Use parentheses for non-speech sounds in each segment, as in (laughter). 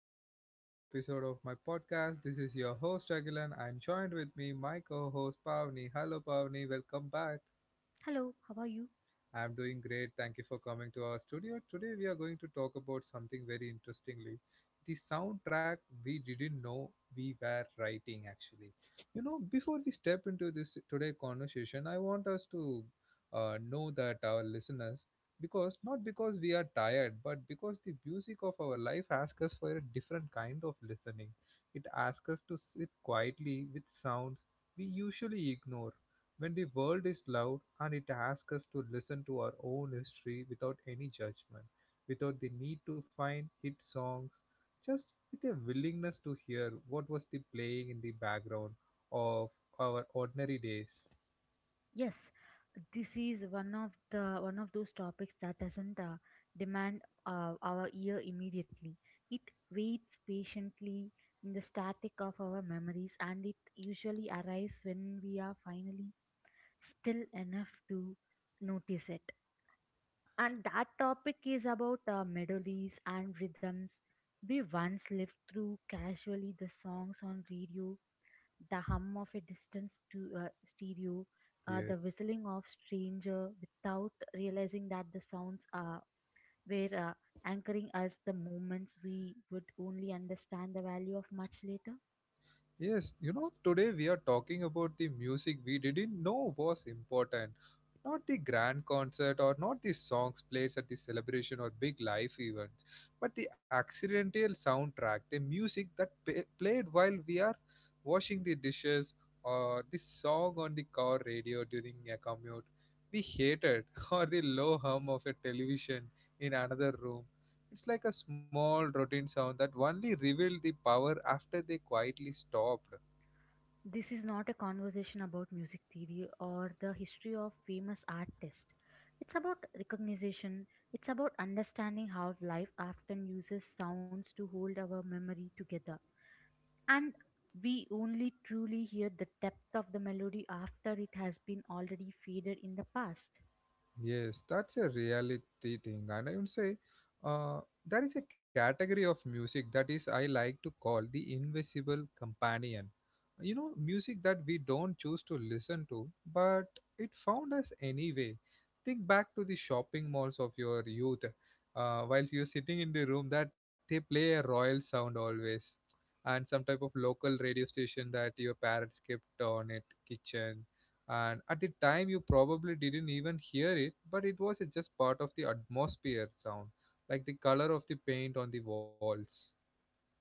back to the another episode of my podcast. This is your host Agilan, and joined with me my co-host Pavni. Hello Pavni, welcome back. Hello, how are you? I'm doing great. Thank you for coming to our studio. Today we are going to talk about something very interestingly. The soundtrack we didn't know we were writing actually. You know, before we step into this today conversation, I want us to know that our listeners, because not because we are tired but because the music of our life asks us for a different kind of listening. It asks us to sit quietly with sounds we usually ignore when the world is loud, and it asks us to listen to our own history without any judgment, without the need to find hit songs, just with a willingness to hear what was the playing in the background of our ordinary days. Yes, this is one of those topics that doesn't demand our ear immediately. It waits patiently in the static of our memories, and it usually arrives when we are finally still enough to notice it. And that topic is about melodies and rhythms we once lived through casually, the songs on radio, the hum of a distant stereo, Yes. the whistling of stranger, without realizing that the sounds are were anchoring us the moments we would only understand the value of much later. Yes, you know, today we are talking about the music we didn't know was important. Not the grand concert or not the songs played at the celebration or big life events, but the accidental soundtrack, the music that played while we are washing the dishes, or the song on the car radio during a commute we hated, (laughs) or the low hum of a television in another room. It's like a small routine sound that only revealed the power after they quietly stopped. This is not a conversation about music theory or the history of famous artists. It's about recognition. It's about understanding how life often uses sounds to hold our memory together, and we only truly hear the depth of the melody after it has been already faded in the past. Yes, that's a reality thing, and I would say uh, there is a category of music that is I like to call the invisible companion. You know, music that we don't choose to listen to, but it found us anyway. Think back to the shopping malls of your youth, whilst you're sitting in the room, that they play a royal sound always, and some type of local radio station that your parents kept on at kitchen, and at the time you probably didn't even hear it, but it was just part of the atmosphere sound, like the color of the paint on the walls.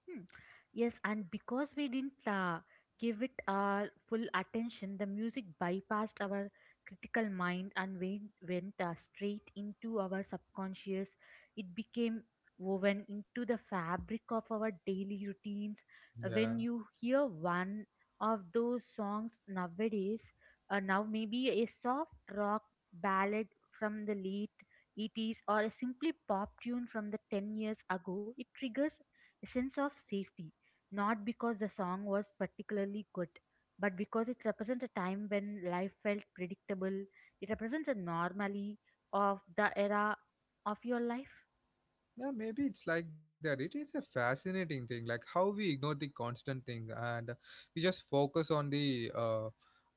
Hmm. Yes, and because we didn't give it our full attention, the music bypassed our critical mind and went straight into our subconscious. It became woven into the fabric of our daily routines. When Yeah. you hear one of those songs nowadays, now maybe a soft rock ballad from the late 80s, or a simply pop tune from the 10 years ago, it triggers a sense of safety, not because the song was particularly good, but because it represents a time when life felt predictable. It represents a normality of the era of your life. Yeah, maybe it's like that. It is a fascinating thing, like how we ignore the constant thing, and we just focus uh,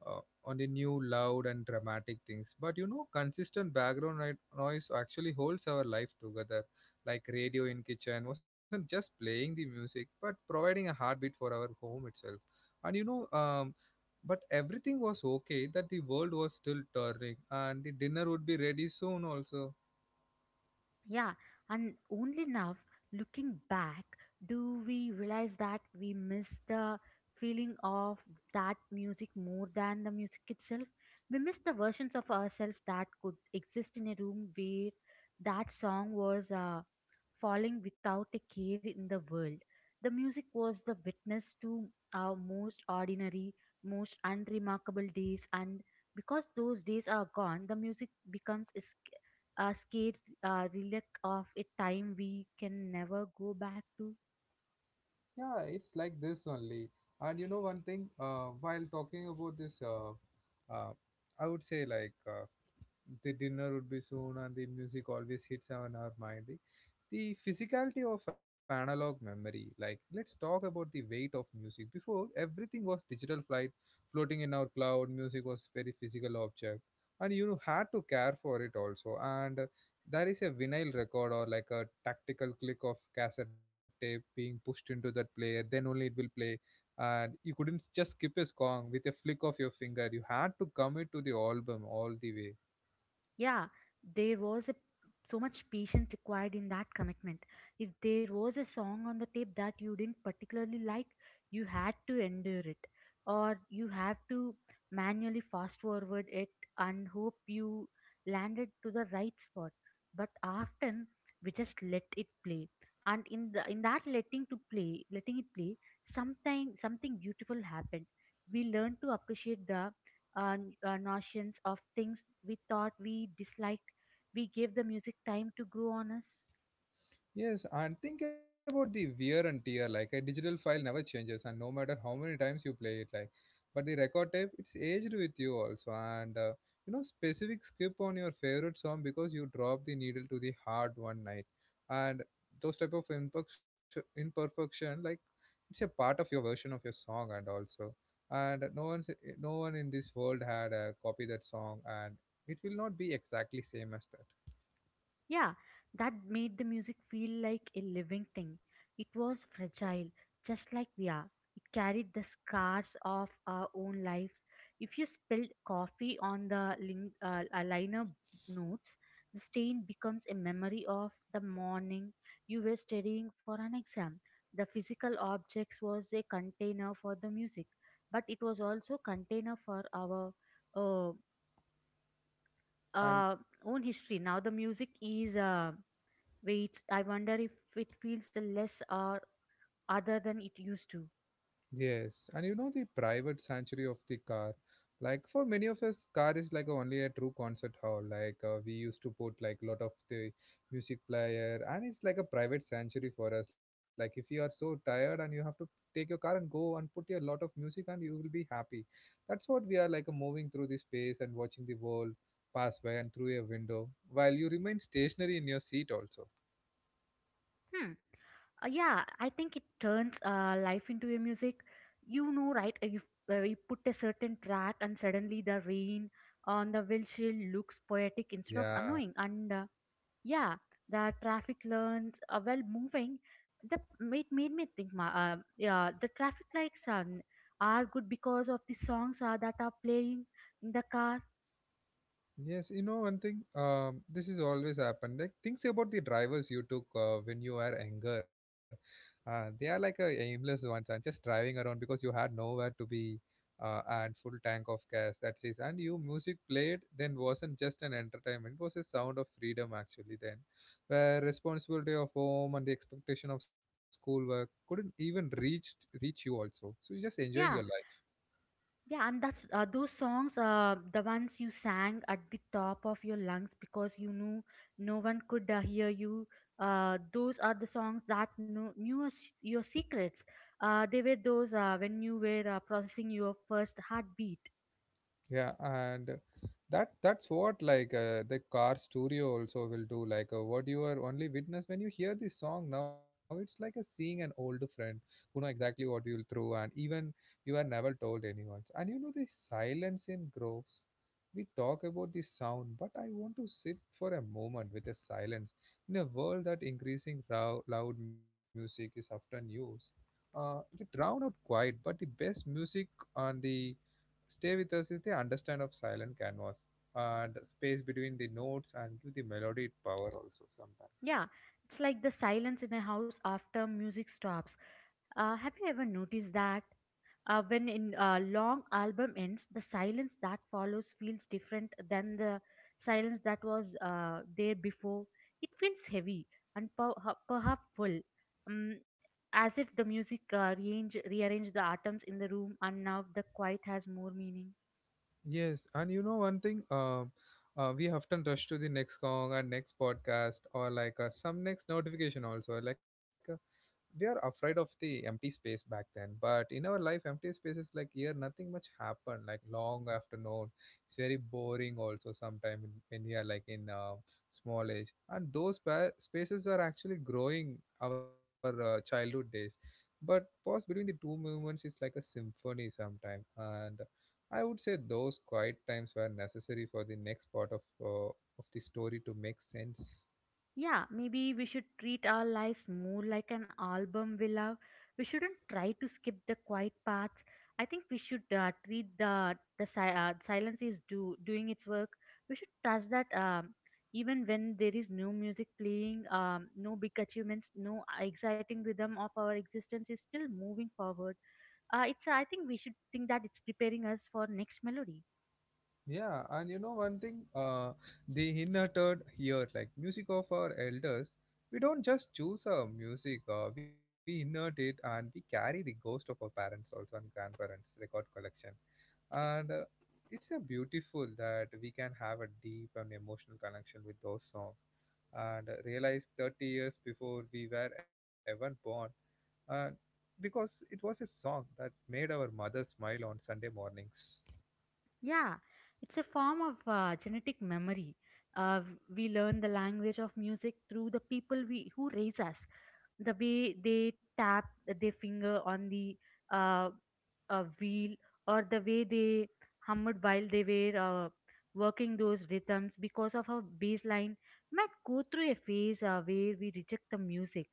uh, on the new loud and dramatic things. But you know, consistent noise actually holds our life together. Like radio in kitchen wasn't just playing the music, but providing a heartbeat for our home itself. And you know, but everything was okay. That the world was still turning, and the dinner would be ready soon also. Yeah, and only now, looking back, do we realize that we miss the feeling of that music more than the music itself? We miss the versions of ourselves that could exist in a room where that song was falling without a care in the world. The music was the witness to our most ordinary, most unremarkable days, and because those days are gone, the music becomes a scared relic of a time we can never go back to. Yeah, it's like this only. And you know one thing, while talking about this, uh, I would say like the dinner would be soon and the music always hits on our mind the physicality of analog memory. Like let's talk about the weight of music before everything was digital flight, floating in our cloud. Music was very physical object, and you had to care for it also. And there is a vinyl record or like a tactical click of cassette tape being pushed into that player, then only it will play. And you couldn't just skip a song with a flick of your finger, you had to commit to the album all the way. Yeah, there was so much patience required in that commitment. If there was a song on the tape that you didn't particularly like, you had to endure it, or you have to manually fast forward it and hope you landed to the right spot. But often we just let it play, and in the in that letting to play letting it play sometime something beautiful happened. We learned to appreciate the notions of things we thought we disliked. We gave the music time to grow on us. Yes, and think about the wear and tear. Like a digital file never changes, and no matter how many times you play it, like, but the record tape, it's aged with you also. And you know, specific skip on your favorite song because you drop the needle to the hard one night, and those type of imperfection, like, it's a part of your version of your song, and also, and no one in this world had a copy that song, and it will not be exactly same as Yeah, that made the music feel like a living thing. It was fragile, just like we are. It carried the scars of our own lives. If you spilled coffee on the liner notes, the stain becomes a memory of the morning you were studying for an exam. The physical objects was a container for the music, but it was also container for our uh, that. uh, own history. Now the music is. Wait, I wonder if it feels less other than it used to. Yes, and you know the private sanctuary of the car. Like for many of us, car is like only a true concert hall. Like we used to put like lot of the music player, and it's like a private sanctuary for us. Like if you are so tired and you have to take your car and go and put a lot of music, and you will be happy. That's what we are, like moving through the space and watching the world pass by and through a window, while you remain stationary in your seat also. Hmm. Yeah, I think it turns life into a music. You know, right? If you put a certain track and suddenly the rain on the windshield looks poetic instead of Yeah. annoying. And yeah, the traffic learns well moving. That it made me think. Yeah, the traffic lights are good because of the songs that are playing in the car. Yes, you know one thing. This is always happened. Like things about the drivers you took when you were younger, they are like a aimless ones and just driving around because you had nowhere to be, and full tank of gas. That's it. And you music played then wasn't just an entertainment. It was a sound of freedom actually. Then, where responsibility of home and the expectation of schoolwork couldn't even reach you also. So you're just enjoying your Yeah, life. Yeah, and that's those songs, the ones you sang at the top of your lungs because you knew no one could hear you. Those are the songs that knew us, your secrets. They were those when you were processing your first heartbeat. Yeah, and that's what like the car studio also will do, like what you are only witness. When you hear this song now, it's like a seeing an old friend who know exactly what you'll through, and even you are never told anyone. And you know the silence in groves, we talk about the sound, but I want to sit for a moment with the silence. In a world that loud music is often used, they drown out quiet, but the best music on the stay with us is the understand of silent canvas, and space between the notes and give the melody its power also sometimes. Yeah, it's like the silence in a house after music stops. Have you ever noticed that? When in a long album ends, the silence that follows feels different than the silence that was there before. It feels heavy and perhaps full, um, as if the music rearranged the atoms in the room and now the quiet has more meaning. Yes, and you know one thing, we often rush to the next song and next podcast or like some next notification also. Like they are afraid of the empty space back then, but in our life empty space is like here nothing much happened, like long afternoon. It's very boring also sometime in, when you are like in small age, and those spaces were actually growing our childhood days. But pause between the two movements is like a symphony sometime, and I would say those quiet times were necessary for the next part uh, of the story to make sense. Yeah, maybe we should treat our lives more like an album we love. We shouldn't try to skip the quiet parts. I think we should treat the silence is do doing its work. We should trust that even when there is no music playing, no big achievements, no exciting rhythm of our existence is still moving forward. It's I think we should think that it's preparing us for next melody. Yeah, and you know one thing, the inherited here, like music of our elders, we don't just choose our music, we inherit it, and we carry the ghost of our parents also and grandparents' record collection. And it's a beautiful that we can have a deep and emotional connection with those songs and realize 30 years before we were ever born, uh, because it was a song that made our mother smile on Sunday mornings. Yeah, it's a form of genetic memory. Uh, we learn the language of music through the people we who raise us. The way they tap their finger on the uh, wheel, or the way they hummed while they were working those rhythms, because of our baseline, might go through a phase where we reject the music,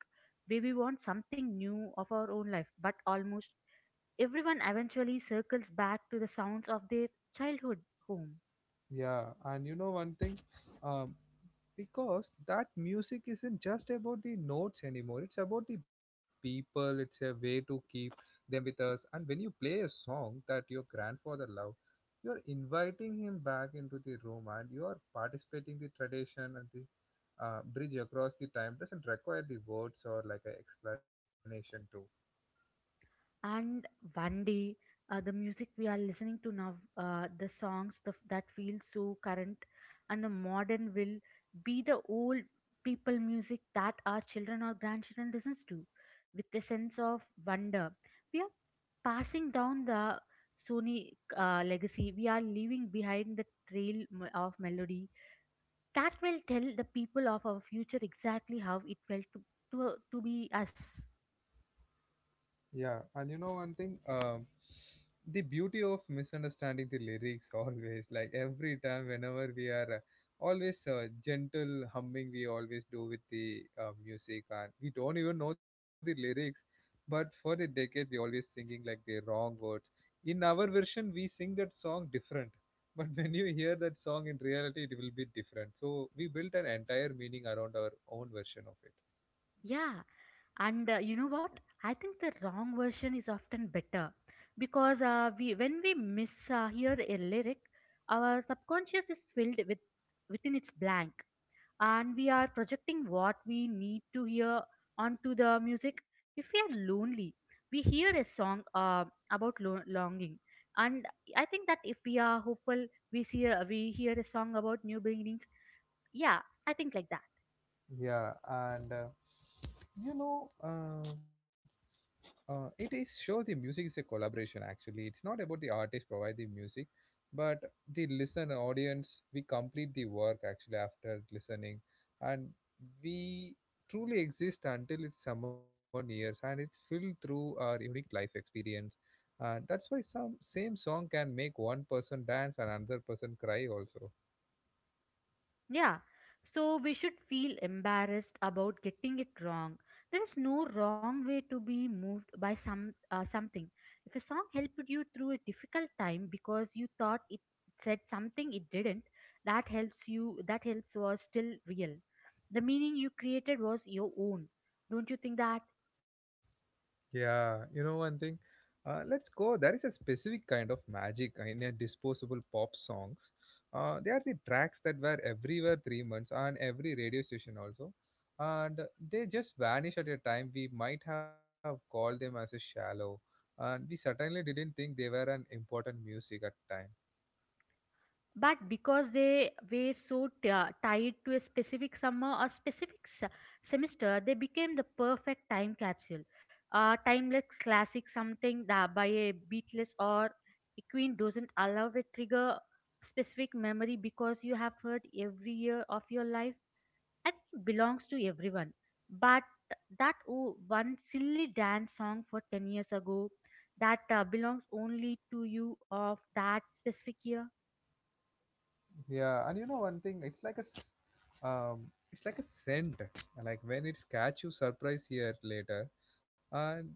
where we want something new of our own life, but almost everyone eventually circles back to the sounds of their childhood home. Yeah, and you know one thing, um, because that music isn't just about the notes anymore. It's about the people. It's a way to keep them with us. And when you play a song that your grandfather loved, you're inviting him back into the room, and you are participating the tradition. And this bridge across the time doesn't require the words or like an explanation too. And one day, the music we are listening to now, the songs that feel so current and the modern will be the old people music that our children or grandchildren listens to with a sense of wonder. We are passing down the Sony legacy. We are leaving behind the trail of melody that will tell the people of our future exactly how it felt to be us. Yeah, and you know one thing, the beauty of misunderstanding the lyrics (laughs) always, like every time, whenever we are always gentle humming, we always do with the music, and we don't even know the lyrics, but for the decades, we always singing like the wrong words. In our version, we sing that song different, (laughs) but when you hear that song in reality, it will be different. So we built an entire meaning around our own version of it. Yeah. And you know what? I think the wrong version is often better because we when we mishear hear a lyric, our subconscious is filled with within its blank, and we are projecting what we need to hear onto the music. If we are lonely, we hear a song about longing, and I think that if we are hopeful, we hear a song about new beginnings. Yeah, I think like that. Yeah, and you know, it is shows the music is a collaboration. Actually, it's not about the artist provide the music, but the listener audience we complete the work actually after listening, and we truly exist until it's someone hears, and it's filled through our unique life experience. And that's why some same song can make one person dance and another person cry also. Yeah, so we should feel embarrassed about getting it wrong. There is no wrong way to be moved by something. If a song helped you through a difficult time because you thought it said something it didn't, that helps you. That helps was still real. The meaning you created was your own. Don't you think that? Yeah, you know one thing? Let's go. There is a specific kind of magic in a disposable pop songs. They are the tracks that were everywhere 3 months on every radio station also. And they just vanish at a time we might have called them as a shallow. And we certainly didn't think they were an important music at time. But because they were so tied to a specific summer or specific semester, they became the perfect time capsule, timeless classic, something that by a beatless or a queen doesn't allow a trigger specific memory because you have heard every year of your life. I think it belongs to everyone, but that one silly dance song for 10 years ago, that belongs only to you of that specific year. Yeah, and you know one thing, um, it's like a scent. Like when it's catch you surprise here later, and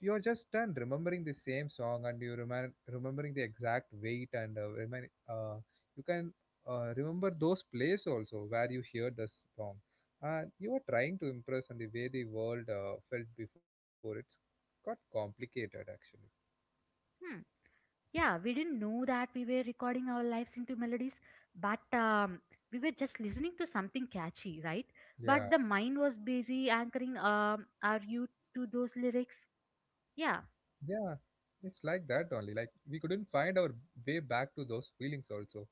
you're just done remembering the same song, and you remembering the exact weight and you can remember those places also where you hear the song, and you are trying to impress on the way the world felt before it's got complicated actually. Hmm. Yeah, we didn't know that we were recording our lives into melodies, but we were just listening to something catchy, right? Yeah. But the mind was busy anchoring our youth to those lyrics. Yeah, Yeah, it's like that only. Like we couldn't find our way back to those feelings also.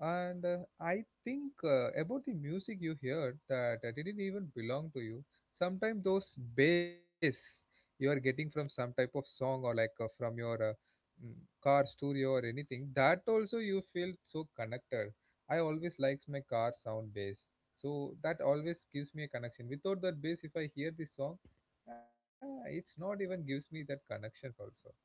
And I think about the music you heard that didn't even belong to you. Sometimes those bass you are getting from some type of song or like from your mm, car stereo or anything, that also you feel so connected. I always likes my car sound bass. So that always gives me a connection. Without that bass, if I hear this song, yeah, it's not even gives me that connections also.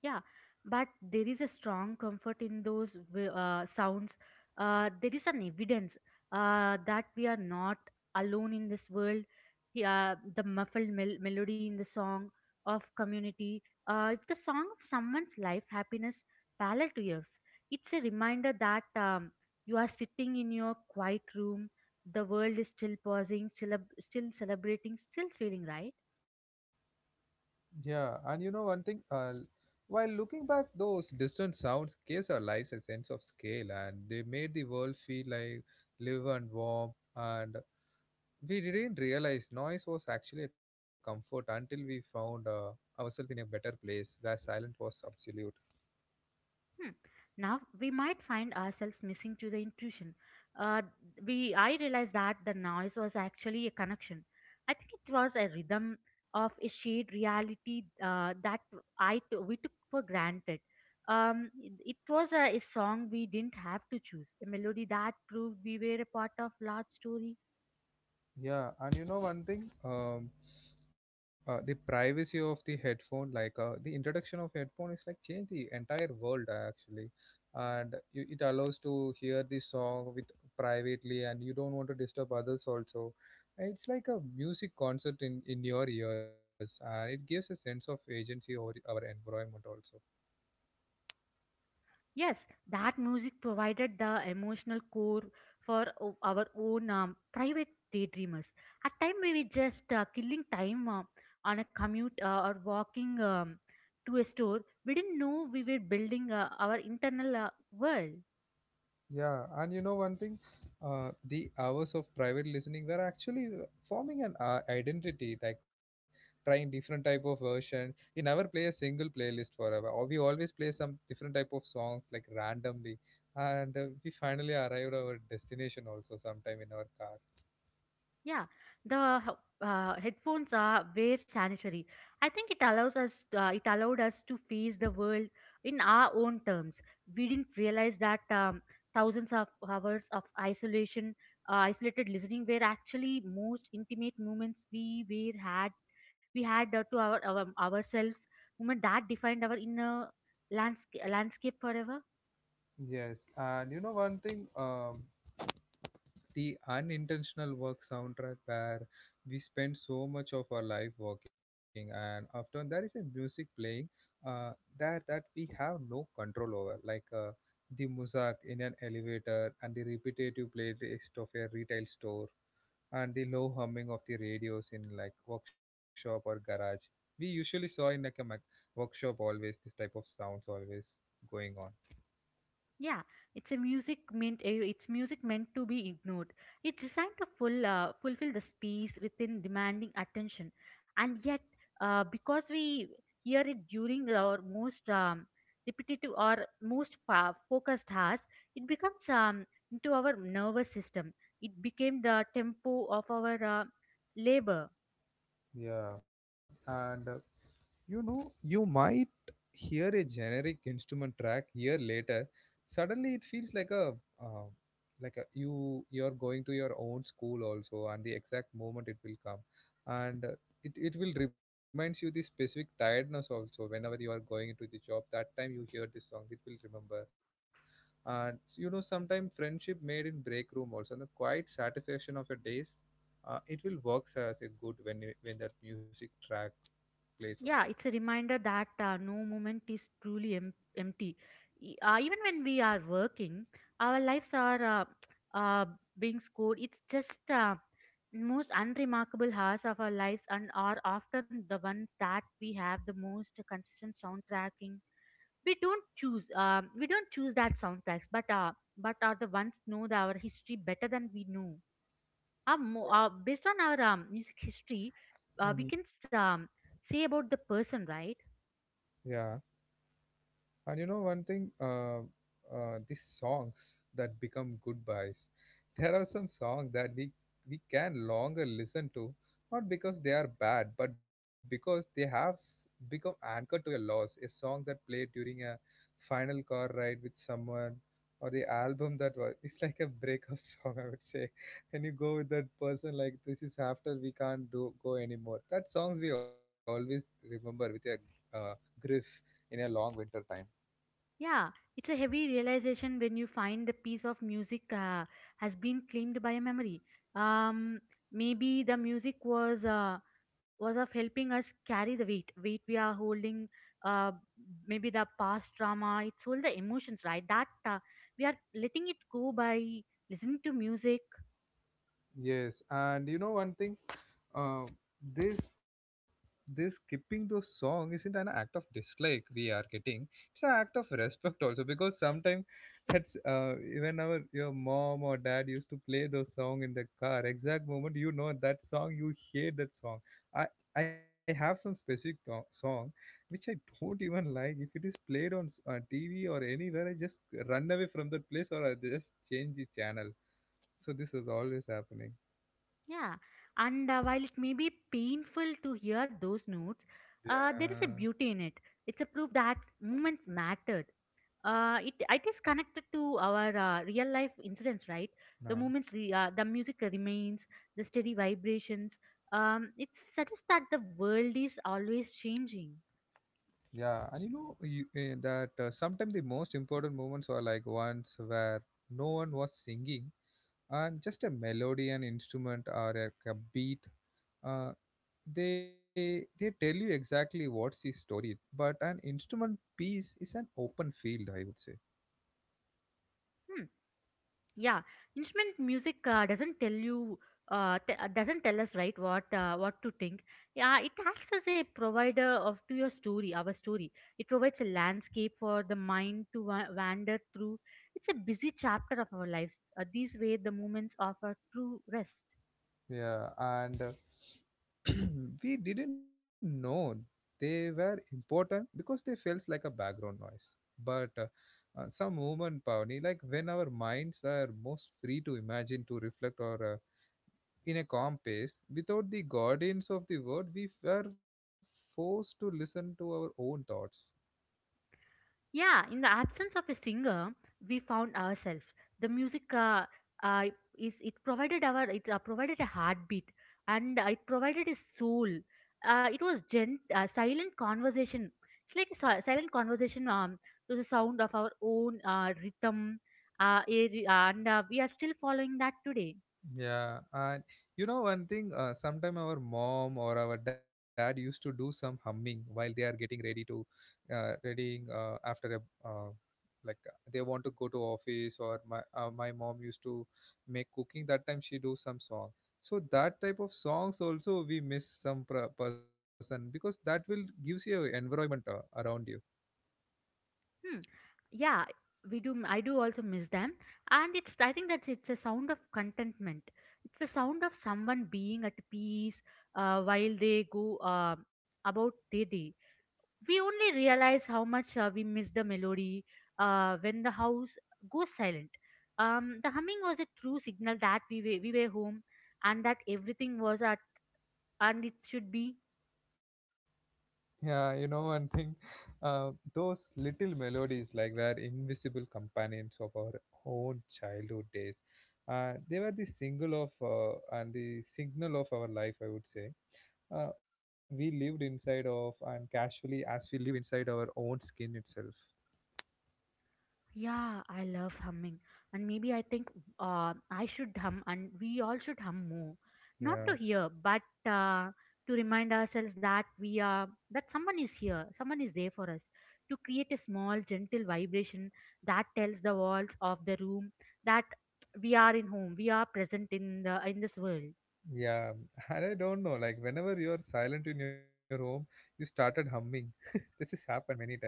Yeah, but there is a strong comfort in those sounds. There is an evidence that we are not alone in this world. The muffled melody in the song of community, it's the song of someone's life, happiness, palate to yours. It's a reminder that you are sitting in your quiet room. The world is still pausing, still celebrating, still feeling right. Yeah, and you know one thing, while looking back, those distant sounds gives our lives a sense of scale, and they made the world feel like live and warm. And we didn't realize noise was actually a comfort until we found ourselves in a better place where silence was absolute. Hmm. Now we might find ourselves missing to the intuition. Uh, we I realized that the noise was actually a connection. I think it was a rhythm of a shared reality that we took for granted. It was a song we didn't have to choose, a melody that proved we were a part of large story. Yeah, and you know one thing, the privacy of the headphone, like the introduction of headphone is like changed the entire world actually, and you, it allows to hear the song with privately, and you don't want to disturb others also. And it's like a music concert in your ears, and it gives a sense of agency over our environment also. Yes, that music provided the emotional core for our own private daydreamers. At time we were just killing time on a commute or walking to a store. We didn't know we were building our internal world. Yeah, and you know one thing, the hours of private listening were actually forming an identity, like trying different type of version. We never play a single playlist forever, or we always play some different type of songs like randomly, and we finally arrived our destination also sometime in our car. Yeah, the headphones are very sanitary. I think it allowed us to face the world in our own terms. We didn't realize that thousands of hours of isolation, isolated listening were actually most intimate moments we had to our ourselves, moment that defined our inner landscape forever. Yes, and you know one thing, the unintentional work soundtrack where we spend so much of our life working and after there is a music playing uh, that we have no control over like the mosaic in an elevator and the repetitive playlist of a retail store and the low humming of the radios in like workshop or garage we usually saw in like a workshop always this type of sounds always going on. Yeah, it's a music meant eh, it's music meant to be ignored. It's designed to full fulfill the space within demanding attention, and yet because we hear it during our most repetitive or most focused hours, it becomes into our nervous system. It became the tempo of our labor. Yeah, and you know, you might hear a generic instrument track here later. Suddenly, it feels like uh, a, you you're going to your own school also, and the exact moment it will come, and it will reminds you the specific tiredness also. Whenever you are going into the job, that time you hear this song, it will remember. And you know, sometimes friendship made in break room also, and the quiet satisfaction of your days, it will works as a good when that music track plays on. Yeah, it's a reminder that no moment is truly empty. Even when we are working our lives are uh, being scored. It's just most unremarkable hours of our lives and are often the ones that we have the most consistent soundtracking. We don't choose that soundtracks, but are the ones know our history better than we know based on our music history. We Mhm. can um, say about the person, right? Yeah, and you know one thing, these songs that become goodbyes, there are some songs that we can longer listen to, not because they are bad, but because they have become anchored to your loss. A song that played during a final car ride with someone, or the album that was, (laughs) it's like a breakup (laughs) song, I would say. And you go with that person like this is after we can't do go anymore. That songs we always remember with a uh, grief in a long winter time. Yeah, it's a heavy realization when you find the piece of music has been claimed by a memory. Um, maybe the music was was of helping us carry the weight we are holding. Uh, maybe the past trauma, it's all the emotions, right? That we are letting it go by listening to music. Yes, and you know one thing, uh, this this skipping those song isn't an act of dislike we are getting. It's an act of respect also because sometimes that's even our your mom or dad used to play those song in the car. Exact moment you know that song, you hate that song. I I have some specific song which I don't even like. If it is played on TV or anywhere, I just run away from that place or I just change the channel. So this was always happening. Yeah, and while it may be painful to hear those notes, Yeah. there is a beauty in it. It's a proof that moments mattered. It is connected to our real life incidents, right? the No. moments re- uh, the music remains, the steady vibrations. It suggests that the world is always changing. Yeah, and you know you, eh, that sometimes the most important moments were like ones where no one was singing and just a melody, an instrument, or a beat. Uh, they tell you exactly what's the story, but an instrument piece is an open field, I would say. Hmm. Yeah, instrument music doesn't tell you. Doesn't tell us, right? What to think? Yeah, it acts as a provider of to your story, our story. It provides a landscape for the mind to wander through. It's a busy chapter of our lives. These way the moments offer true rest. Yeah, and (clears throat) we didn't know they were important because they felt like a background noise. But some moment, Pavani, like when our minds were most free to imagine, to reflect, or in a calm pace, without the guardians of the word, we were forced to listen to our own thoughts. Yeah, in the absence of a singer, we found ourselves. The music uh, is it provided our it provided a heartbeat, and it provided a soul. It was gent silent conversation. It's like a silent conversation, to the sound of our own rhythm. A- and we are still following that today. Yeah, and you know one thing, sometime our mom or our dad used to do some humming while they are getting ready to, readying after a, they want to go to office or my mom used to make cooking that time she do some song. So that type of songs also we miss some pr person because that will gives you a environment around you. Hmm. Yeah, we do. I do also miss them, and it's. I think that's. It's a sound of contentment. It's the sound of someone being at peace while they go about their day. We only realize how much we miss the melody when the house goes silent. The humming was a true signal that we were home and that everything was at and it should be. Yeah, you know one thing, uh, those little melodies like were invisible companions of our own childhood days. They were the single of and the signal of our life, I would say. We lived inside of and casually as we live inside our own skin itself. Yeah, I love humming. And maybe I think I should hum and we all should hum more. Not Yeah, to hear, but uh, to remind ourselves that we are that someone is here, someone is there for us. To create a small gentle vibration that tells the walls of the room that we are in home, we are present in the in this world. yeah. (laughs) And I don't know, like whenever you are silent in your home, you started humming. (laughs) This has happened many times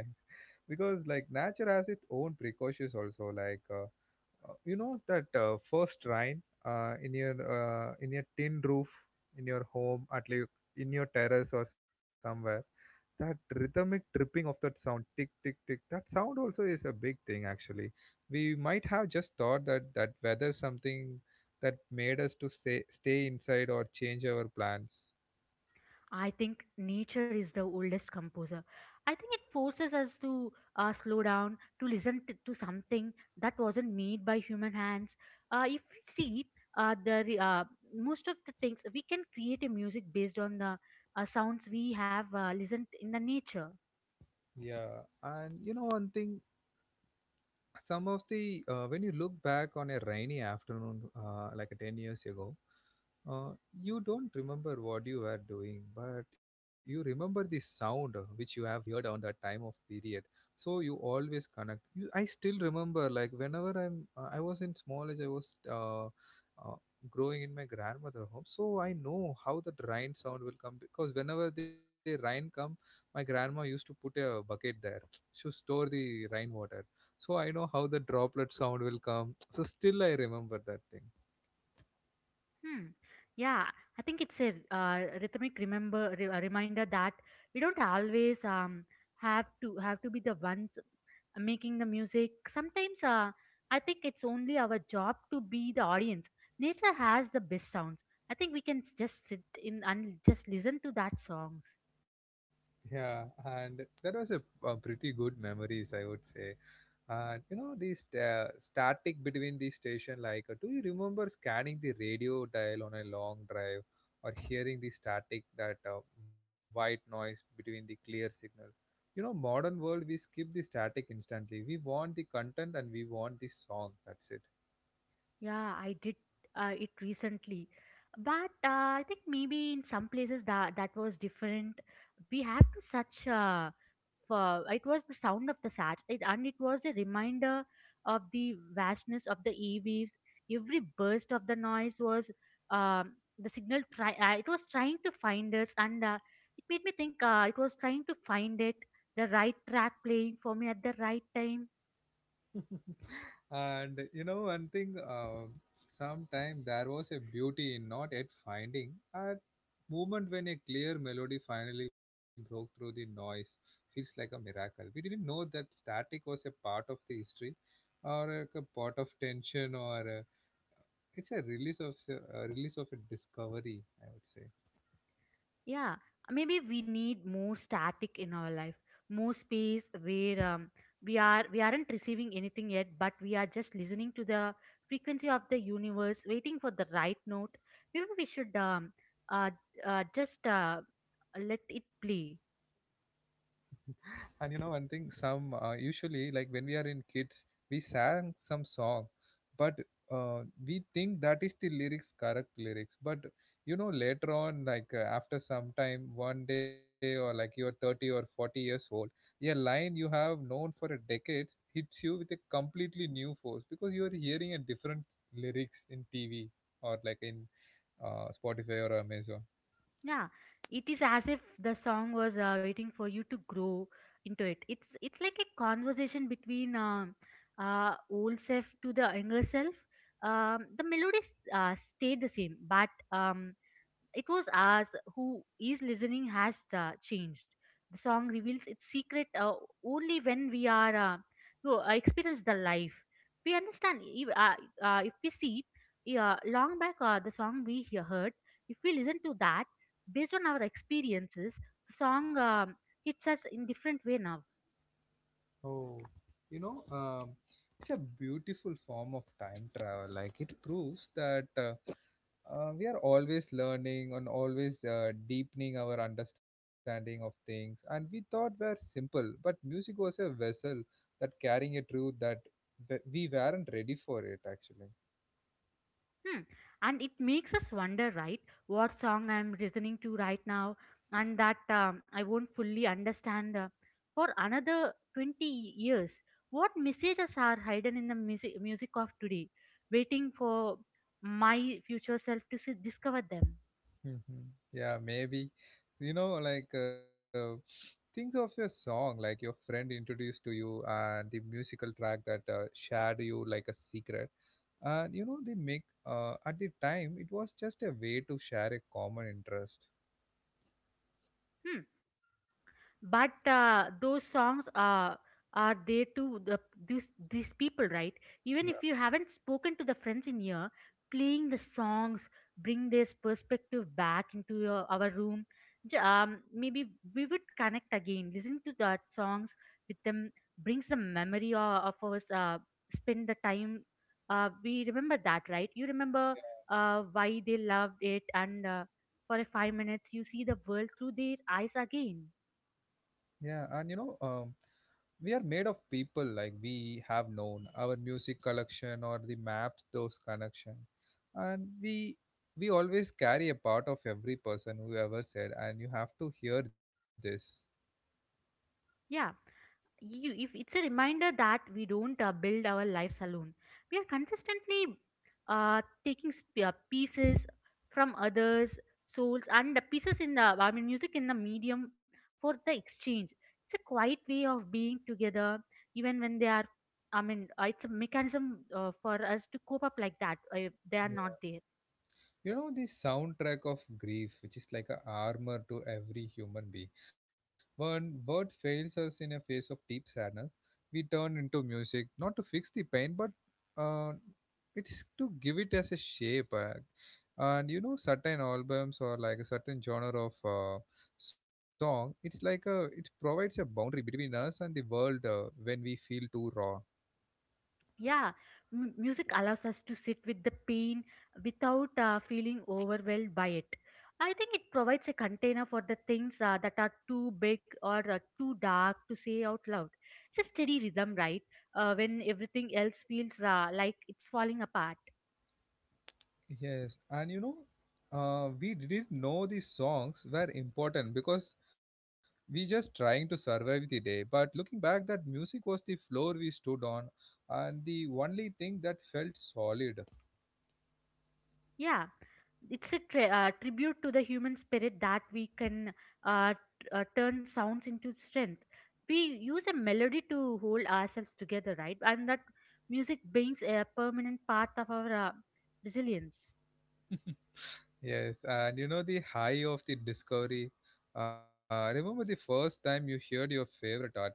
because like nature has its own precautions also, like. You know that first rain in your tin roof in your home at least in your terrace or somewhere, that rhythmic dripping of that sound tick tick tick, that sound also is a big thing actually. We might have just thought that that weather something that made us to say, stay inside or change our plans. I think nature is the oldest composer. I think it forces us to slow down, to listen to something that wasn't made by human hands. If we see uh, the re- uh, most of the things, we can create a music based on the sounds we have listened in the nature. Yeah, and you know one thing, some of the when you look back on a rainy afternoon like a 10 years ago, uh, you don't remember what you were doing but you remember the sound which you have heard on that time of period. So you always connect you, I still remember like whenever I was in small age I was growing in my grandmother home, so I know how that rain sound will come because whenever the rain come my grandma used to put a bucket there (tsk) to store the rainwater. So I know how the droplet sound will come, so still I remember that thing. Hmm. Yeah, I think it's a rhythmic a reminder that we don't always have to be the ones making the music. Sometimes I think it's only our job to be the audience. Nature has the best sounds. I think we can just sit in and just listen to that songs. Yeah, and that was a, uh, pretty good memories I would say. And you know this static between the station, like do you remember scanning the radio dial on a long drive or hearing the static that white noise between the clear signals. You know modern world we skip the static instantly, we want the content and we want the song, that's Yeah, I did it recently, but I think maybe in some places that was different. We have to such for it was the sound of the sach it, and it was a reminder of the vastness of the eaves. Every burst of the noise was the signal try it was trying to find us, and it made me think it was trying to find it the right track playing for me at the right time. it. (laughs) And you know, one thing, sometime there was a beauty in not yet finding a moment when a clear melody finally broke through the noise. Feels like a miracle. We didn't know that static was a part of the history, or like a part of tension, or it's a release of a release of a discovery, I would say. Yeah, maybe we need more static in our life, more space where we aren't receiving anything yet, but we are just listening to the frequency of the universe, waiting for the right note. Maybe we should uh, just let it play. And you know one thing, some usually like when we are in kids, we sang some song, but uh, we think that is the lyrics, correct lyrics. But you know later on, like after some time, one day or like you're 30 or 40 years old, a line you have known for a decades hits you with a completely new force because you are hearing a different lyrics in TV or like in Spotify or Amazon. Yeah, it is as if the song was waiting for you to grow into it. It's like a conversation between old self to the younger self. The melodies stayed the same, but it was us who is listening has changed. The song reveals its secret only when we are to experience the life. We understand if we see long back, the song we heard. If we listen to that based on our experiences, the song hits us in different way now. Oh, you know, it's a beautiful form of time travel. Like it proves that we are always learning and always deepening our understanding of things. And we thought were simple, but music was a vessel that carrying a truth that we weren't ready for it actually. Hmm. And it makes us wonder, right, what song I'm listening to right now, and that I won't fully understand for another 20 years what messages are hidden in the music of today, waiting for my future self to see, discover them. Mhm. Yeah, maybe. You know, like think of your song, like your friend introduced to you, and the musical track that shared you like a secret. And you know they make at the time it was just a way to share a common interest. Hmm. But those songs are there to these people, right? Even Yeah, if you haven't spoken to the friends in year, playing the songs bring this perspective back into your our room. Maybe we would connect again listening to that songs with them, brings the memory of us spend the time. We remember that, right? You remember why they loved it, and for a 5 minutes you see the world through their eyes again. yeah, and you know we are made of people like we have known our music collection or the maps those connection. And we always carry a part of every person who ever said and you have to hear this. Yeah, you if it's a reminder that we don't build our lives alone. We are consistently taking pieces from others souls, and the pieces in the I mean music in the medium for the exchange. It's a quiet way of being together even when they are. I mean, it's a mechanism for us to cope up like that if they are not there. You know the soundtrack of grief which is like a armor to every human being, when word fails us in a face of deep sadness we turn into music not to fix the pain but uh, it is to give it as a shape and you know certain albums or like a certain genre of song, it's like a, it provides a boundary between us and the world when we feel too raw. Yeah, music allows us to sit with the pain without feeling overwhelmed by it. I think it provides a container for the things that are too big or too dark to say out loud. It's a steady rhythm, right? When everything else feels like it's falling apart. Yes, and you know, we didn't know the songs were important because we just trying to survive the day. But looking back, that music was the floor we stood on, and the only thing that felt solid. Yeah, it's a tribute to the human spirit that we can uh, turn sounds into strength. We use a melody to hold ourselves together, right? And that music brings a permanent part of our resilience. Yes, and you know the high of the discovery. Remember the first time you heard your favorite artist,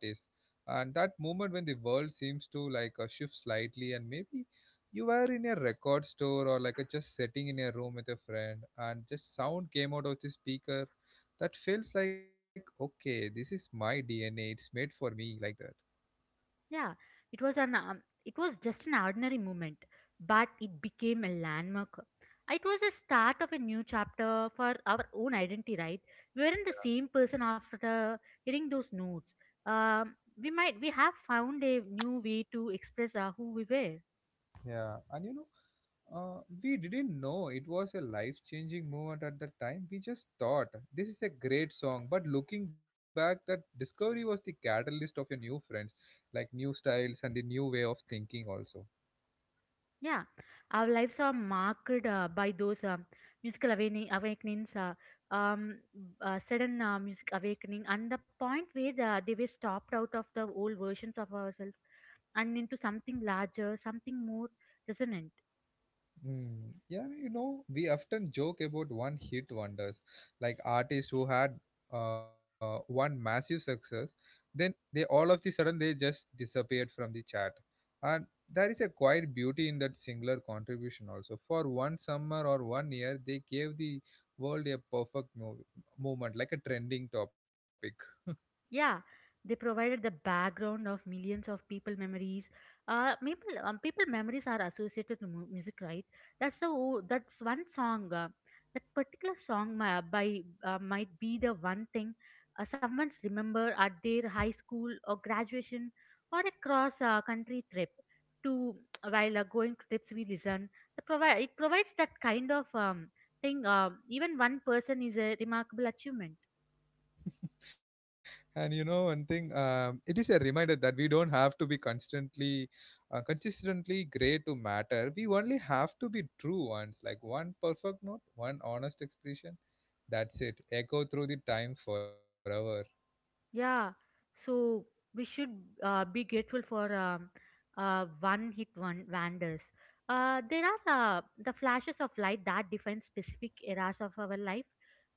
and that moment when the world seems to like shift slightly, and maybe you were in a record store or like just sitting in a room with a friend, and just sound came out of the speaker. That feels like okay, this is my DNA. It's made for me like that. Yeah, it was just an ordinary moment, but it became a landmark. It was a start of a new chapter for our own identity, right? We weren't the same person after hearing those notes. Um, we have found a new way to express who we were. Yeah, and you know, we didn't know it was a life changing moment at the time. We just thought this is a great song. But looking back, that discovery was the catalyst of your new friends, like new styles and the new way of thinking, also. Yeah, our lives are marked by those musical awakenings, um, sudden music awakening, and the point where they were stopped out of the old versions of ourselves and into something larger, something more resonant. Hmm. Yeah, you know, we often joke about one hit wonders, like artists who had one massive success, then they all of the sudden they just disappeared from the chat. And there is a quiet beauty in that singular contribution also. For one summer or one year, they gave the world a perfect movement, like a trending topic. Yeah, they provided the background of millions of people memories. People memories are associated to music, right? That's one song. That particular song my, by might be the one thing someone's remember at their high school or graduation or a cross country trip. To (tsk) while going to trips, we listen. It provides that kind of thing. Even one person is a remarkable achievement. And you know, one thing, it is a reminder that we don't have to be constantly, consistently great to matter. We only have to be true once, like one perfect note, one honest expression. That's it. Echo through the time forever. Yeah, so we should be grateful for one-hit one wonders. There are the flashes of light that define specific eras of our life,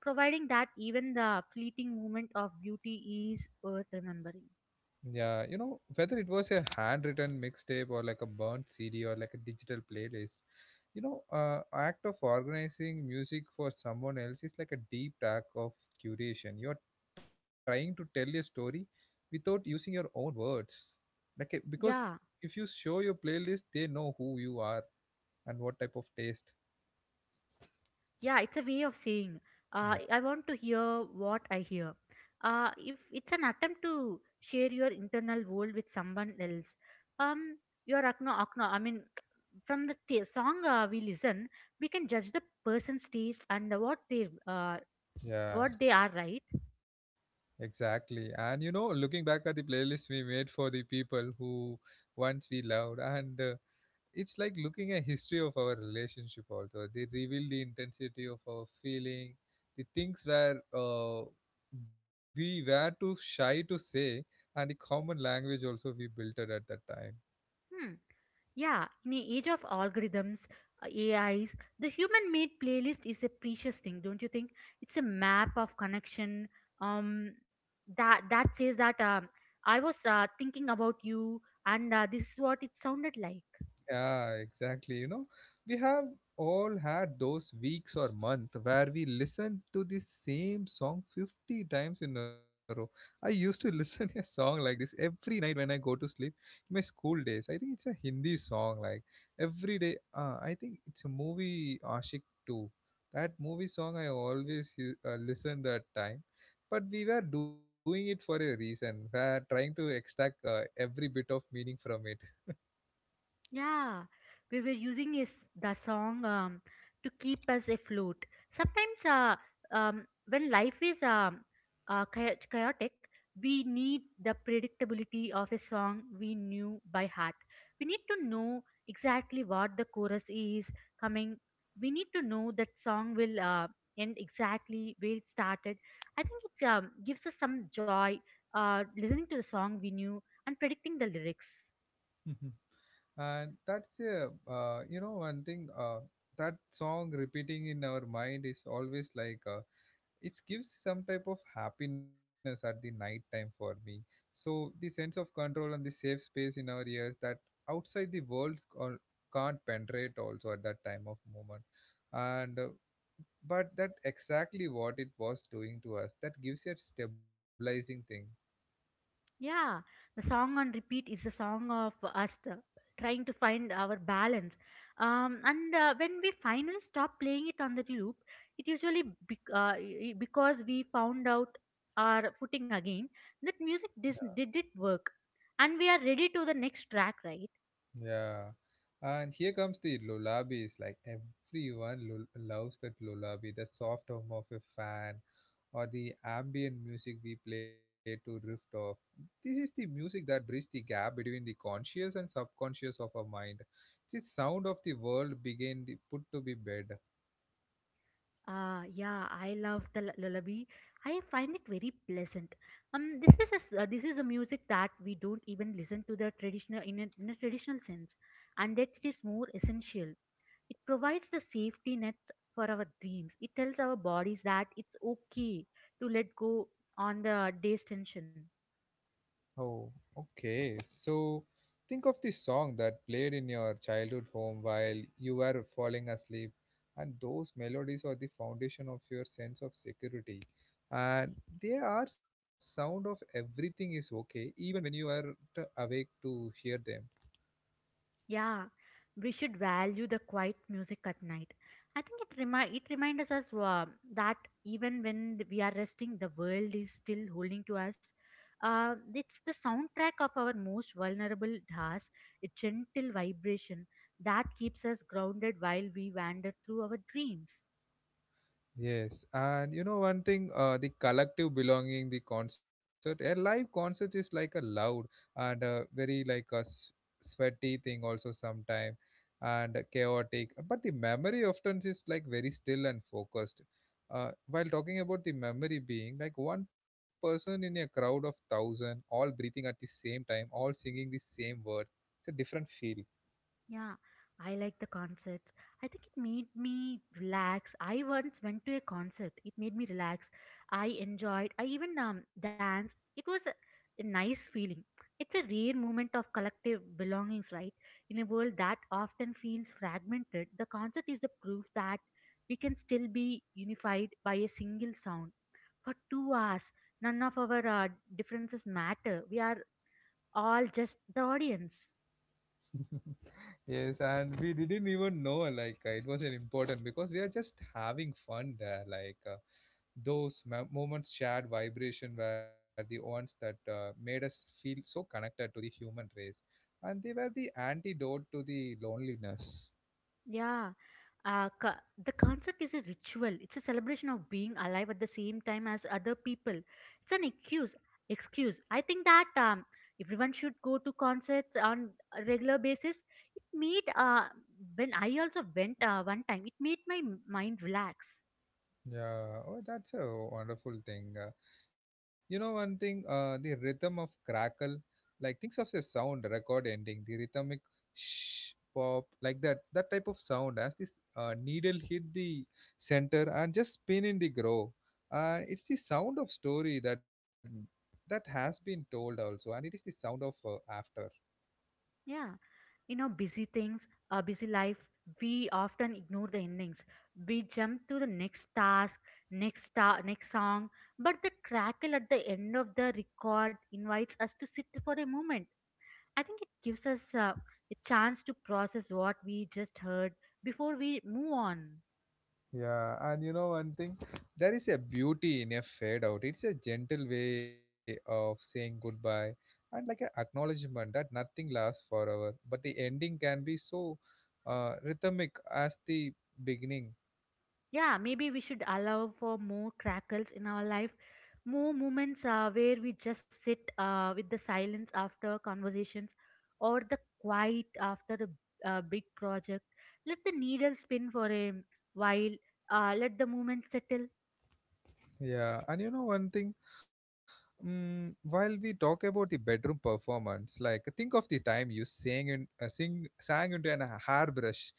providing that even the fleeting moment of beauty is worth remembering. Yeah, you know, whether it was a handwritten mixtape or like a burnt CD or like a digital playlist, you know, act of organizing music for someone else is like a deep act of curation. You're trying to tell a story without using your own words, like because Yeah. if you show your playlist, they know who you are and what type of taste. Yeah, it's a way of saying, Yeah, I want to hear what I hear. If it's an attempt to share your internal world with someone else, um, your akno. I mean, (tsk) from the song we listen, we can judge the person's taste and what they uh, yeah, what they are, right. exactly. And you know, looking back at the playlist we made for the people who once we loved and. It's like looking at history of our relationship also, they reveal the intensity of our feeling, the things where we were too shy to say, and the common language also we built it at that time. Hmm. Yeah, in the age of algorithms, AIs, the human made playlist is a precious thing, don't you think? It's a map of connection, um, that says that I was thinking about you, and this is what it sounded like. Yeah, exactly. You know, we have all had those weeks or month where we listen to the same song 50 times in a row. I used to listen (laughs) a song like this every night when I go to sleep in my school days. I think it's a Hindi song like every day. I think it's a movie Ashik 2. That movie song I always listen that time. But we were doing it for a reason. We are trying to extract every bit of meaning from it. Yeah, we were using is the song to keep us afloat. Sometimes, when life is chaotic, we need the predictability of a song we knew by heart. We need to know exactly what the chorus is coming. We need to know that song will end exactly where it started. I think it gives us some joy listening to the song we knew and predicting the lyrics. (laughs) And that's a you know one thing that song repeating in our mind is always like it gives some type of happiness at the night time for me, so the sense of control and the safe space in our ears that outside the world can't penetrate also at that time of moment, and but that exactly what it was doing to us, that gives you a stabilizing thing. Yeah, the song on repeat is the song of us trying to find our balance. And when we finally stop playing it on the loop, it usually because we found out our footing again, that music did it work, and we are ready to the next track, right? Yeah, and here comes the lullabies. Like everyone loves that lullaby, the soft hum of a fan, or the ambient music we play to drift off. This is the music that bridges the gap between the conscious and subconscious of our mind. It's the sound of the world begin the, put to be bed. Ah, yeah, I love the lullaby. I find it very pleasant. This is this is a music that we don't even listen to the traditional in a traditional sense, and that it is more essential. It provides the safety nets for our dreams. It tells our bodies that it's okay to let go on the day's tension. Oh, okay. So think of the song that played in your childhood home while you were falling asleep, and those melodies are the foundation of your sense of security. And they are sound of everything is okay, even when you are awake to hear them. Yeah, we should value the quiet music at night. I think it it reminds us that even when we are resting, the world is still holding to us. It's the soundtrack of our most vulnerable tasks, a gentle vibration that keeps us grounded while we wander through our dreams. Yes, and you know one thing, the collective belonging, the concert, a live concert is like a loud and very like a sweaty thing also sometime and chaotic. But the memory often is like very still and focused. While talking about the memory being like one person in a crowd of thousand, all breathing at the same time, all singing the same word, it's a different feel. Yeah, I like the concerts. I think it made me relax. I once went to a concert. It made me relax. I enjoyed. I even danced. It was a nice feeling. It's a rare moment of collective belongings, right? In a world that often feels fragmented, the concert is the proof that we can still be unified by a single sound. For 2 hours, none of our differences matter. We are all just the audience. (laughs) Yes, and we didn't even know like it was an important because we are just having fun there. Like those moments shared vibration were the ones that made us feel so connected to the human race, and they were the antidote to the loneliness. Yeah, uh, co- the concert is a ritual. It's a celebration of being alive at the same time as other people. It's an excuse. Excuse. I think that everyone should go to concerts on a regular basis. It made when I also went one time, it made my mind relax. Yeah, oh, that's a wonderful thing. You know, one thing, the rhythm of crackle, like things of a sound record ending, the rhythmic shh, pop, like that, that type of sound as this needle hit the center and just spin in the groove. It's the sound of story that has been told also, and it is the sound of after. Yeah, you know, busy things, busy life, we often ignore the endings. We jump to the next task, next song. But the crackle at the end of the record invites us to sit for a moment. I think it gives us a chance to process what we just heard before we move on. Yeah, and you know one thing, there is a beauty in a fade out. It's a gentle way of saying goodbye and like a acknowledgement that nothing lasts forever, but the ending can be so rhythmic as the beginning. Yeah, maybe we should allow for more crackles in our life, more moments where we just sit with the silence after conversations, or the quiet after a big project. Let the needle spin for a while, let the moment settle. Yeah, and you know one thing, Mm, while we talk about the bedroom performance, like think of the time you sang in sing sang into an a hairbrush,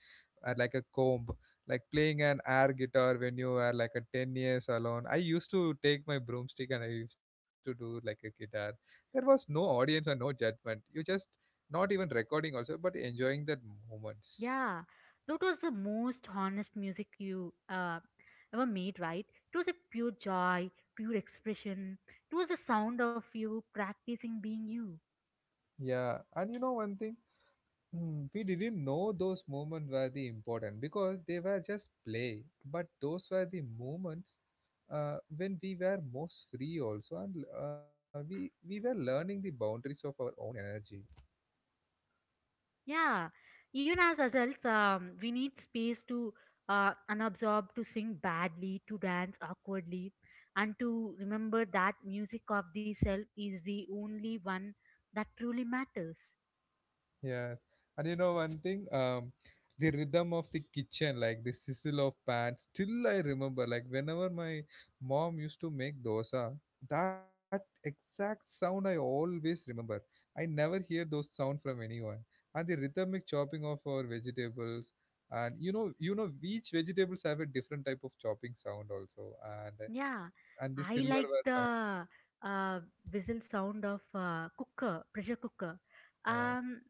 like a comb, like playing an air guitar when you were like a 10 years alone. I used to take my broomstick and I used to do like a guitar. There was no audience and no judgment. You just not even recording also, but enjoying that moments. Yeah, that was the most honest music you ever made, right? It was a pure joy, pure expression. It was the sound of you practicing being you. Yeah, and you know one thing. Hmm, we didn't know those moments were the important because they were just play. But those were the moments when we were most free also, and we were learning the boundaries of our own energy. Yeah, even as adults, we need space to unabsorb, to sing badly, to dance awkwardly, and to remember that music of the self is the only one that truly matters. Yeah, and you know one thing, the rhythm of the kitchen, like the sizzle of pan, still I remember. Like whenever my mom used to make dosa, that exact sound I always remember. I never hear those sound from anyone. And the rhythmic chopping of our vegetables, and you know, each vegetables have a different type of chopping sound also, Yeah, and the I like silverware sound. the uh, whistle sound of cooker, pressure cooker. Yeah. Um,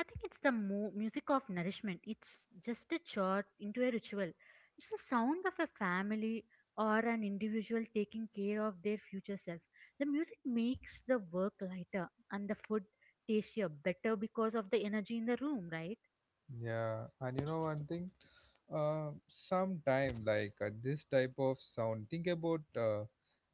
I think it's the music of nourishment. It's just a chart into a ritual. It's the sound of a family or an individual taking care of their future self. The music makes the work lighter and the food tastier, better because of the energy in the room, right? Yeah, and you know one thing, sometime like this type of sound. Think about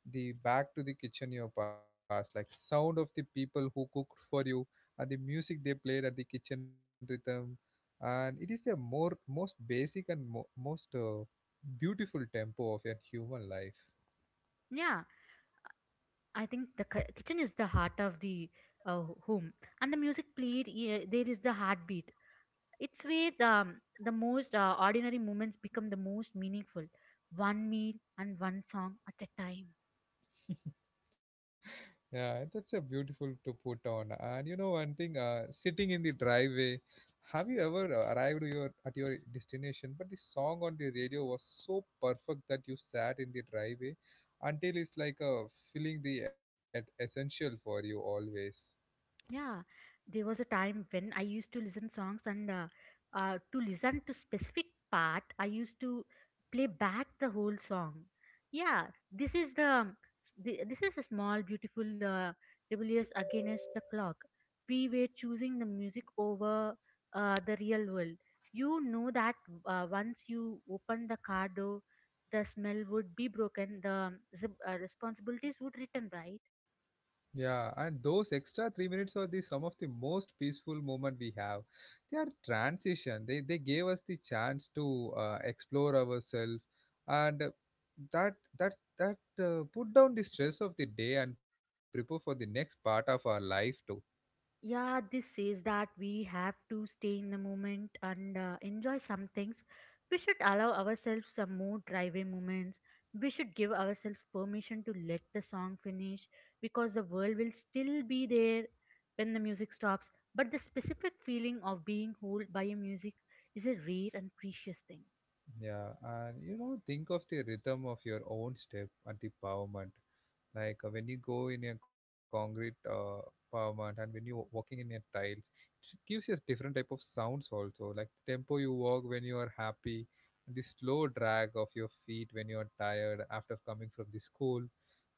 the back to the kitchen your past, like sound of the people who cooked for you, and the music they played at the kitchen rhythm, and it is the more most basic and most beautiful tempo of your human life. Yeah, I think the kitchen is the heart of the home, and the music played, yeah, there is the heartbeat. It's where the most ordinary moments become the most meaningful. One meal and one song at a time. Yeah, that's a beautiful to put on. And you know one thing, sitting in the driveway, have you ever arrived your at your destination, but the song on the radio was so perfect that you sat in the driveway until it's like a feeling the essential for you always. Yeah, there was a time when I used to listen songs and to listen to specific part, I used to play back the whole song. Yeah, this is the this is a small beautiful rebellious against the clock. We were choosing the music over the real world. You know that once you open the car door, the smell would be broken. The responsibilities would return, right? Yeah, and those extra 3 minutes are the some of the most peaceful moment we have. They are transition. They gave us the chance to explore ourselves, and that that that put down the stress of the day and prepare for the next part of our life too. Yeah, this says that we have to stay in the moment and enjoy some things. We should allow ourselves some more driveway moments. We should give ourselves permission to let the song finish because the world will still be there when the music stops. But the specific feeling of being held by a music is a rare and precious thing. Yeah, and you know think of the rhythm of your own step and the empowerment. Like when you go in a concrete pavement, and when you walking in a tiles, it gives you a different type of sounds also, like the tempo you walk when you are happy, and the slow drag of your feet when you are tired after coming from the school,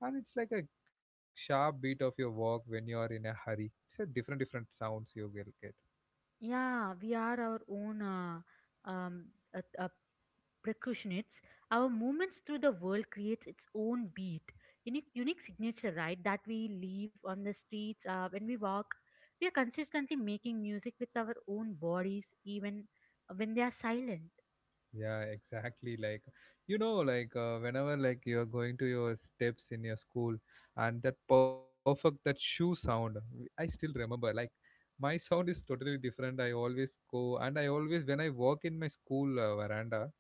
and it's like a sharp beat of your walk when you are in a hurry. It's a different different sounds you will get. Yeah, we are our own um, a, percussionists. Our movements through the world creates its own beat, unique signature, right? That we leave on the streets when we walk. We are consistently making music with our own bodies, even when they are silent. Yeah, exactly. Like, you know, like whenever like you're going to your steps in your school, and that perfect that shoe sound, I still remember. Like, my sound is totally different. I always go, and I always when I walk in my school veranda,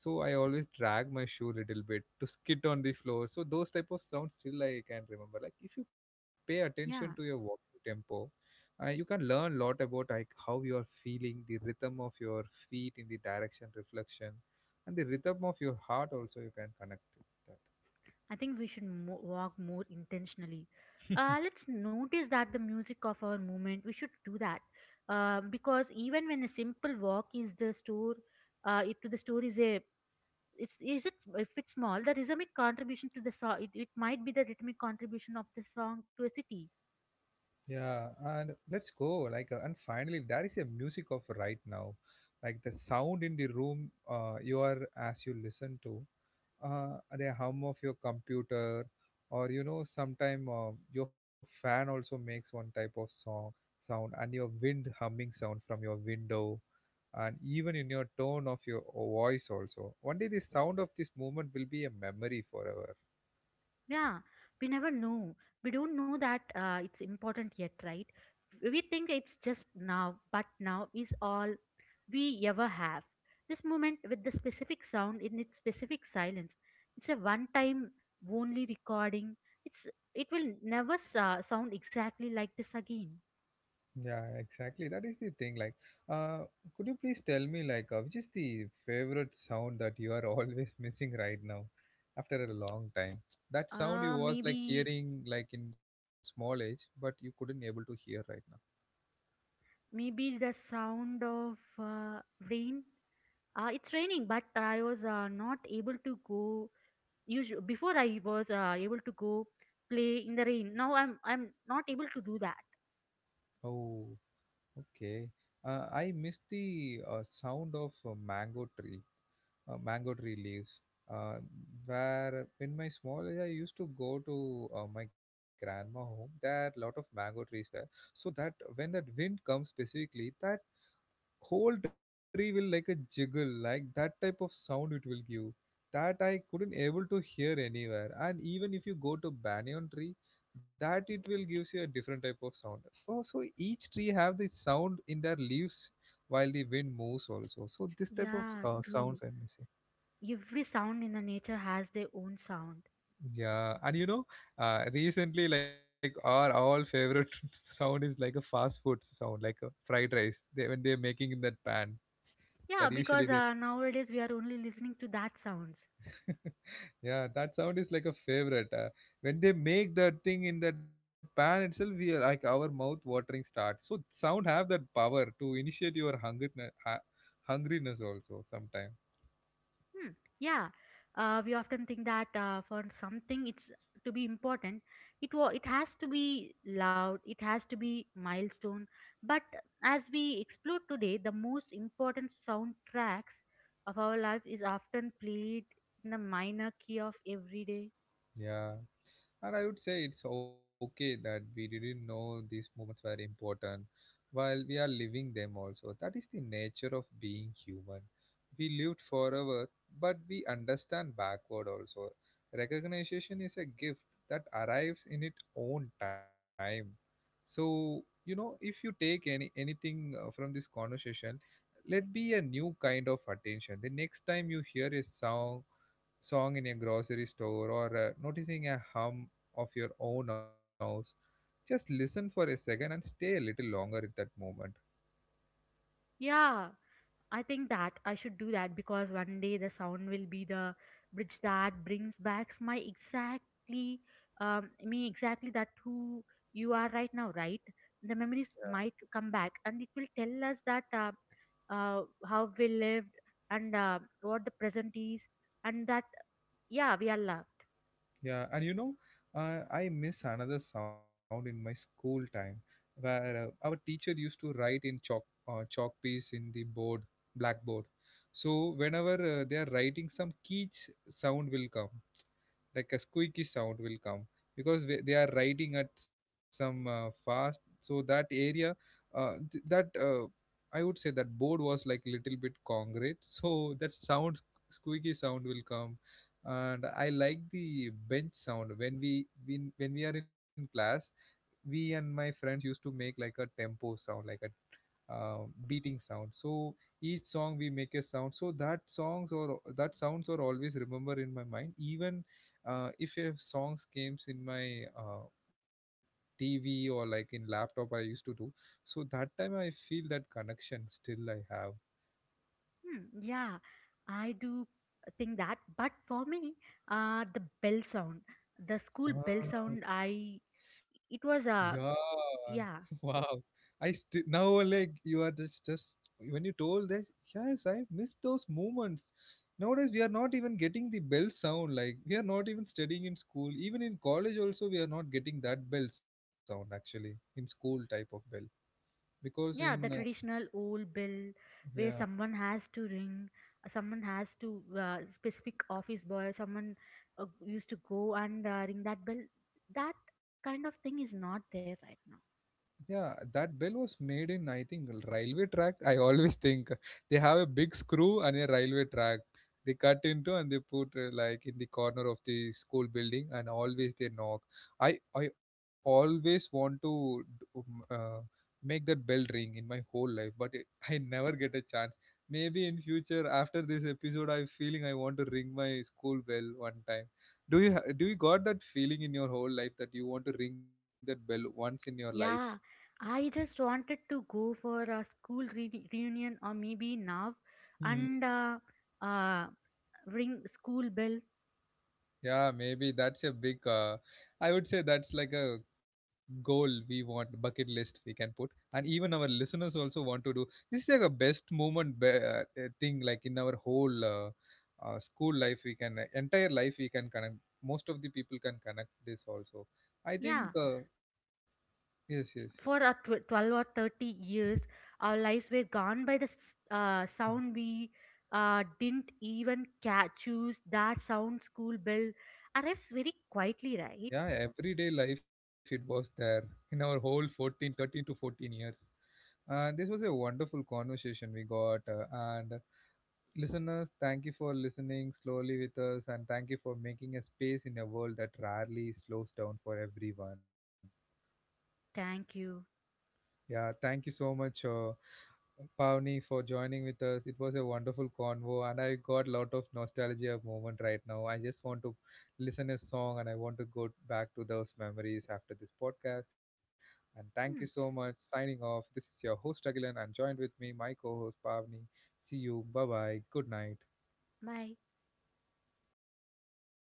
so I always drag my shoe little bit to skid on the floor. So those type of sounds still I can remember. Like, if you pay attention to your Yeah, walking tempo, you can learn a lot about like how you are feeling the rhythm of your feet in the direction reflection, and the rhythm of your heart also you can connect with that. I think we should walk more intentionally. Let's notice that the music of our movement. We should do that because even when a simple walk is the store, to the store is a it's is it if it's small the rhythmic contribution to the song, it might be the rhythmic contribution of the song to a city. Yeah, and let's go. Like, and finally, there is a music of right now, like the sound in the room you are as you listen to, the hum of your computer, or you know, sometime your fan also makes one type of song sound, and your wind humming sound from your window, and even in your tone of your voice also. One day, the sound of this moment will be a memory forever. Yeah, we never know. We don't know that it's important yet, right? We think it's just now, but now is all we ever have. This moment, with the specific sound in its specific silence, it's a one time only recording. it's it will never sound exactly like this again. Yeah, exactly. That is the thing. Like, uh, could you please tell me, like, which is the favorite sound that you are (laughs) always missing right now, after a long time? That sound you uh was like maybe hearing like in small age, but you couldn't able to hear right now. Maybe the sound of rain. It's raining, but I was not able to go. Usually, before I was able to go play in the rain. Now I'm not able to do that. Oh, okay. I miss the sound of a mango tree. Mango tree leaves. Uh, where in my small age I used to go to my grandma home. There are lot of mango trees there, so that when that wind comes specifically, that whole tree will like a jiggle, like that type of sound it will give. That I couldn't able to hear anywhere. And even if you go to banyan tree, that it will gives you a different type of sound. Oh, so each tree have the sound in their leaves while the wind moves also. So this type of Yeah, sounds true. I'm missing. Every sound in the nature has their own sound. Yeah, and you know, recently, like our all favorite (laughs) sound is like a fast food sound, like a fried rice. They when they're making in that pan, that Yeah, usually because nowadays we are only listening to that sounds. they, (laughs) yeah, that sound is like a favorite. When they make that thing in that pan itself, we are like our mouth watering start. So sound have that power to initiate your hunger, uh, hungriness also sometimes. Hmm. Yeah, we often think that for something it's to be important, it has to be loud, it has to be milestone. But as we explore today, the most important soundtracks of our life is often played in the minor key of everyday. Yeah. And I would say it's okay that we didn't know these moments were important while we are living them also. That is the nature of being human. We lived forever, but we understand backward also. Recognition is a gift that arrives in its own time. So, you know, if you take any anything from this conversation, let be a new kind of attention. The next time you hear a song in a grocery store or noticing a hum of your own house, just listen for a second and stay a little longer at that moment. Yeah, I think that I should do that because one day the sound will be the bridge that brings back my exactly me exactly that who you are right now, right? The memories might come back and it will tell us that how we lived and what the present is, and that, yeah, we are love. Yeah, and you know, I miss another sound in my school time where our teacher used to write in chalk chalk piece in the board blackboard. So whenever they are writing, some sound will come. Like a squeaky sound will come because they are riding at some fast so that area that I would say that board was like little bit concrete (laughs) so that squeaky sound will come, and I like the bench sound when when we are in class, we and my friends used to make like a tempo sound, like a beating sound. So each song we make a sound, so that songs or that sounds are always remember in my mind. Even if a songs comes in my TV or like in laptop, I used to do, so that time I feel that connection still I have. Hmm, yeah, I do think that. But for me, the bell sound, the school bell sound, I it was Yeah. a (laughs) yeah Wow. Now like you are just when you told that, yes, I miss those moments. Nowadays we are not even getting the bell sound, like we are not even studying in school, even in college also we are not getting that bell sound, actually, in school type of bell because yeah in the traditional old bill where yeah. someone has to ring, someone has to specific office boy someone used to go and ring that bell. That kind of thing is not there right now. Yeah, that bell was made in, I think, railway track. I always think they have a big screw and a railway track. They cut into and they put like in the corner of the school building, and always they knock. I always want to make that bell ring in my whole life, but it, I never get a chance. Maybe in future after this episode, I'm feeling I want to ring my school bell one time. Do you do you got that feeling in your whole life that you want to ring that bell once in your life? Yeah, I just wanted to go for a school reunion, or maybe now, Hmm. and uh, ring school bell. Yeah, maybe that's a big, I would say that's like a goal we want, bucket list we can put. And even our listeners also want to do. This is like a best moment thing, like in our whole school life, we can, entire life we can connect. Most of the people can connect this also. I think, Yeah, yes, yes. for our 12 or 30 years, our lives were gone by the sound we didn't even catch choose that sound. School bell arrives very quietly, right? Yeah, everyday life it was there in our whole 14, 13 to 14 years. And this was a wonderful conversation we got, and listeners, thank you for listening slowly with us, and thank you for making a space in a world that rarely slows down for everyone. Thank you. Yeah, thank you so much, Pavni, for joining with us. It was a wonderful convo, and I got a lot of nostalgia moment right now. I just want to listen a song, and I want to go back to those memories after this podcast. And thank you so Hmm. much. Signing off. This is your host Agilan, and joined with me, my co-host Pavni. See you. Bye bye. Good night. Bye.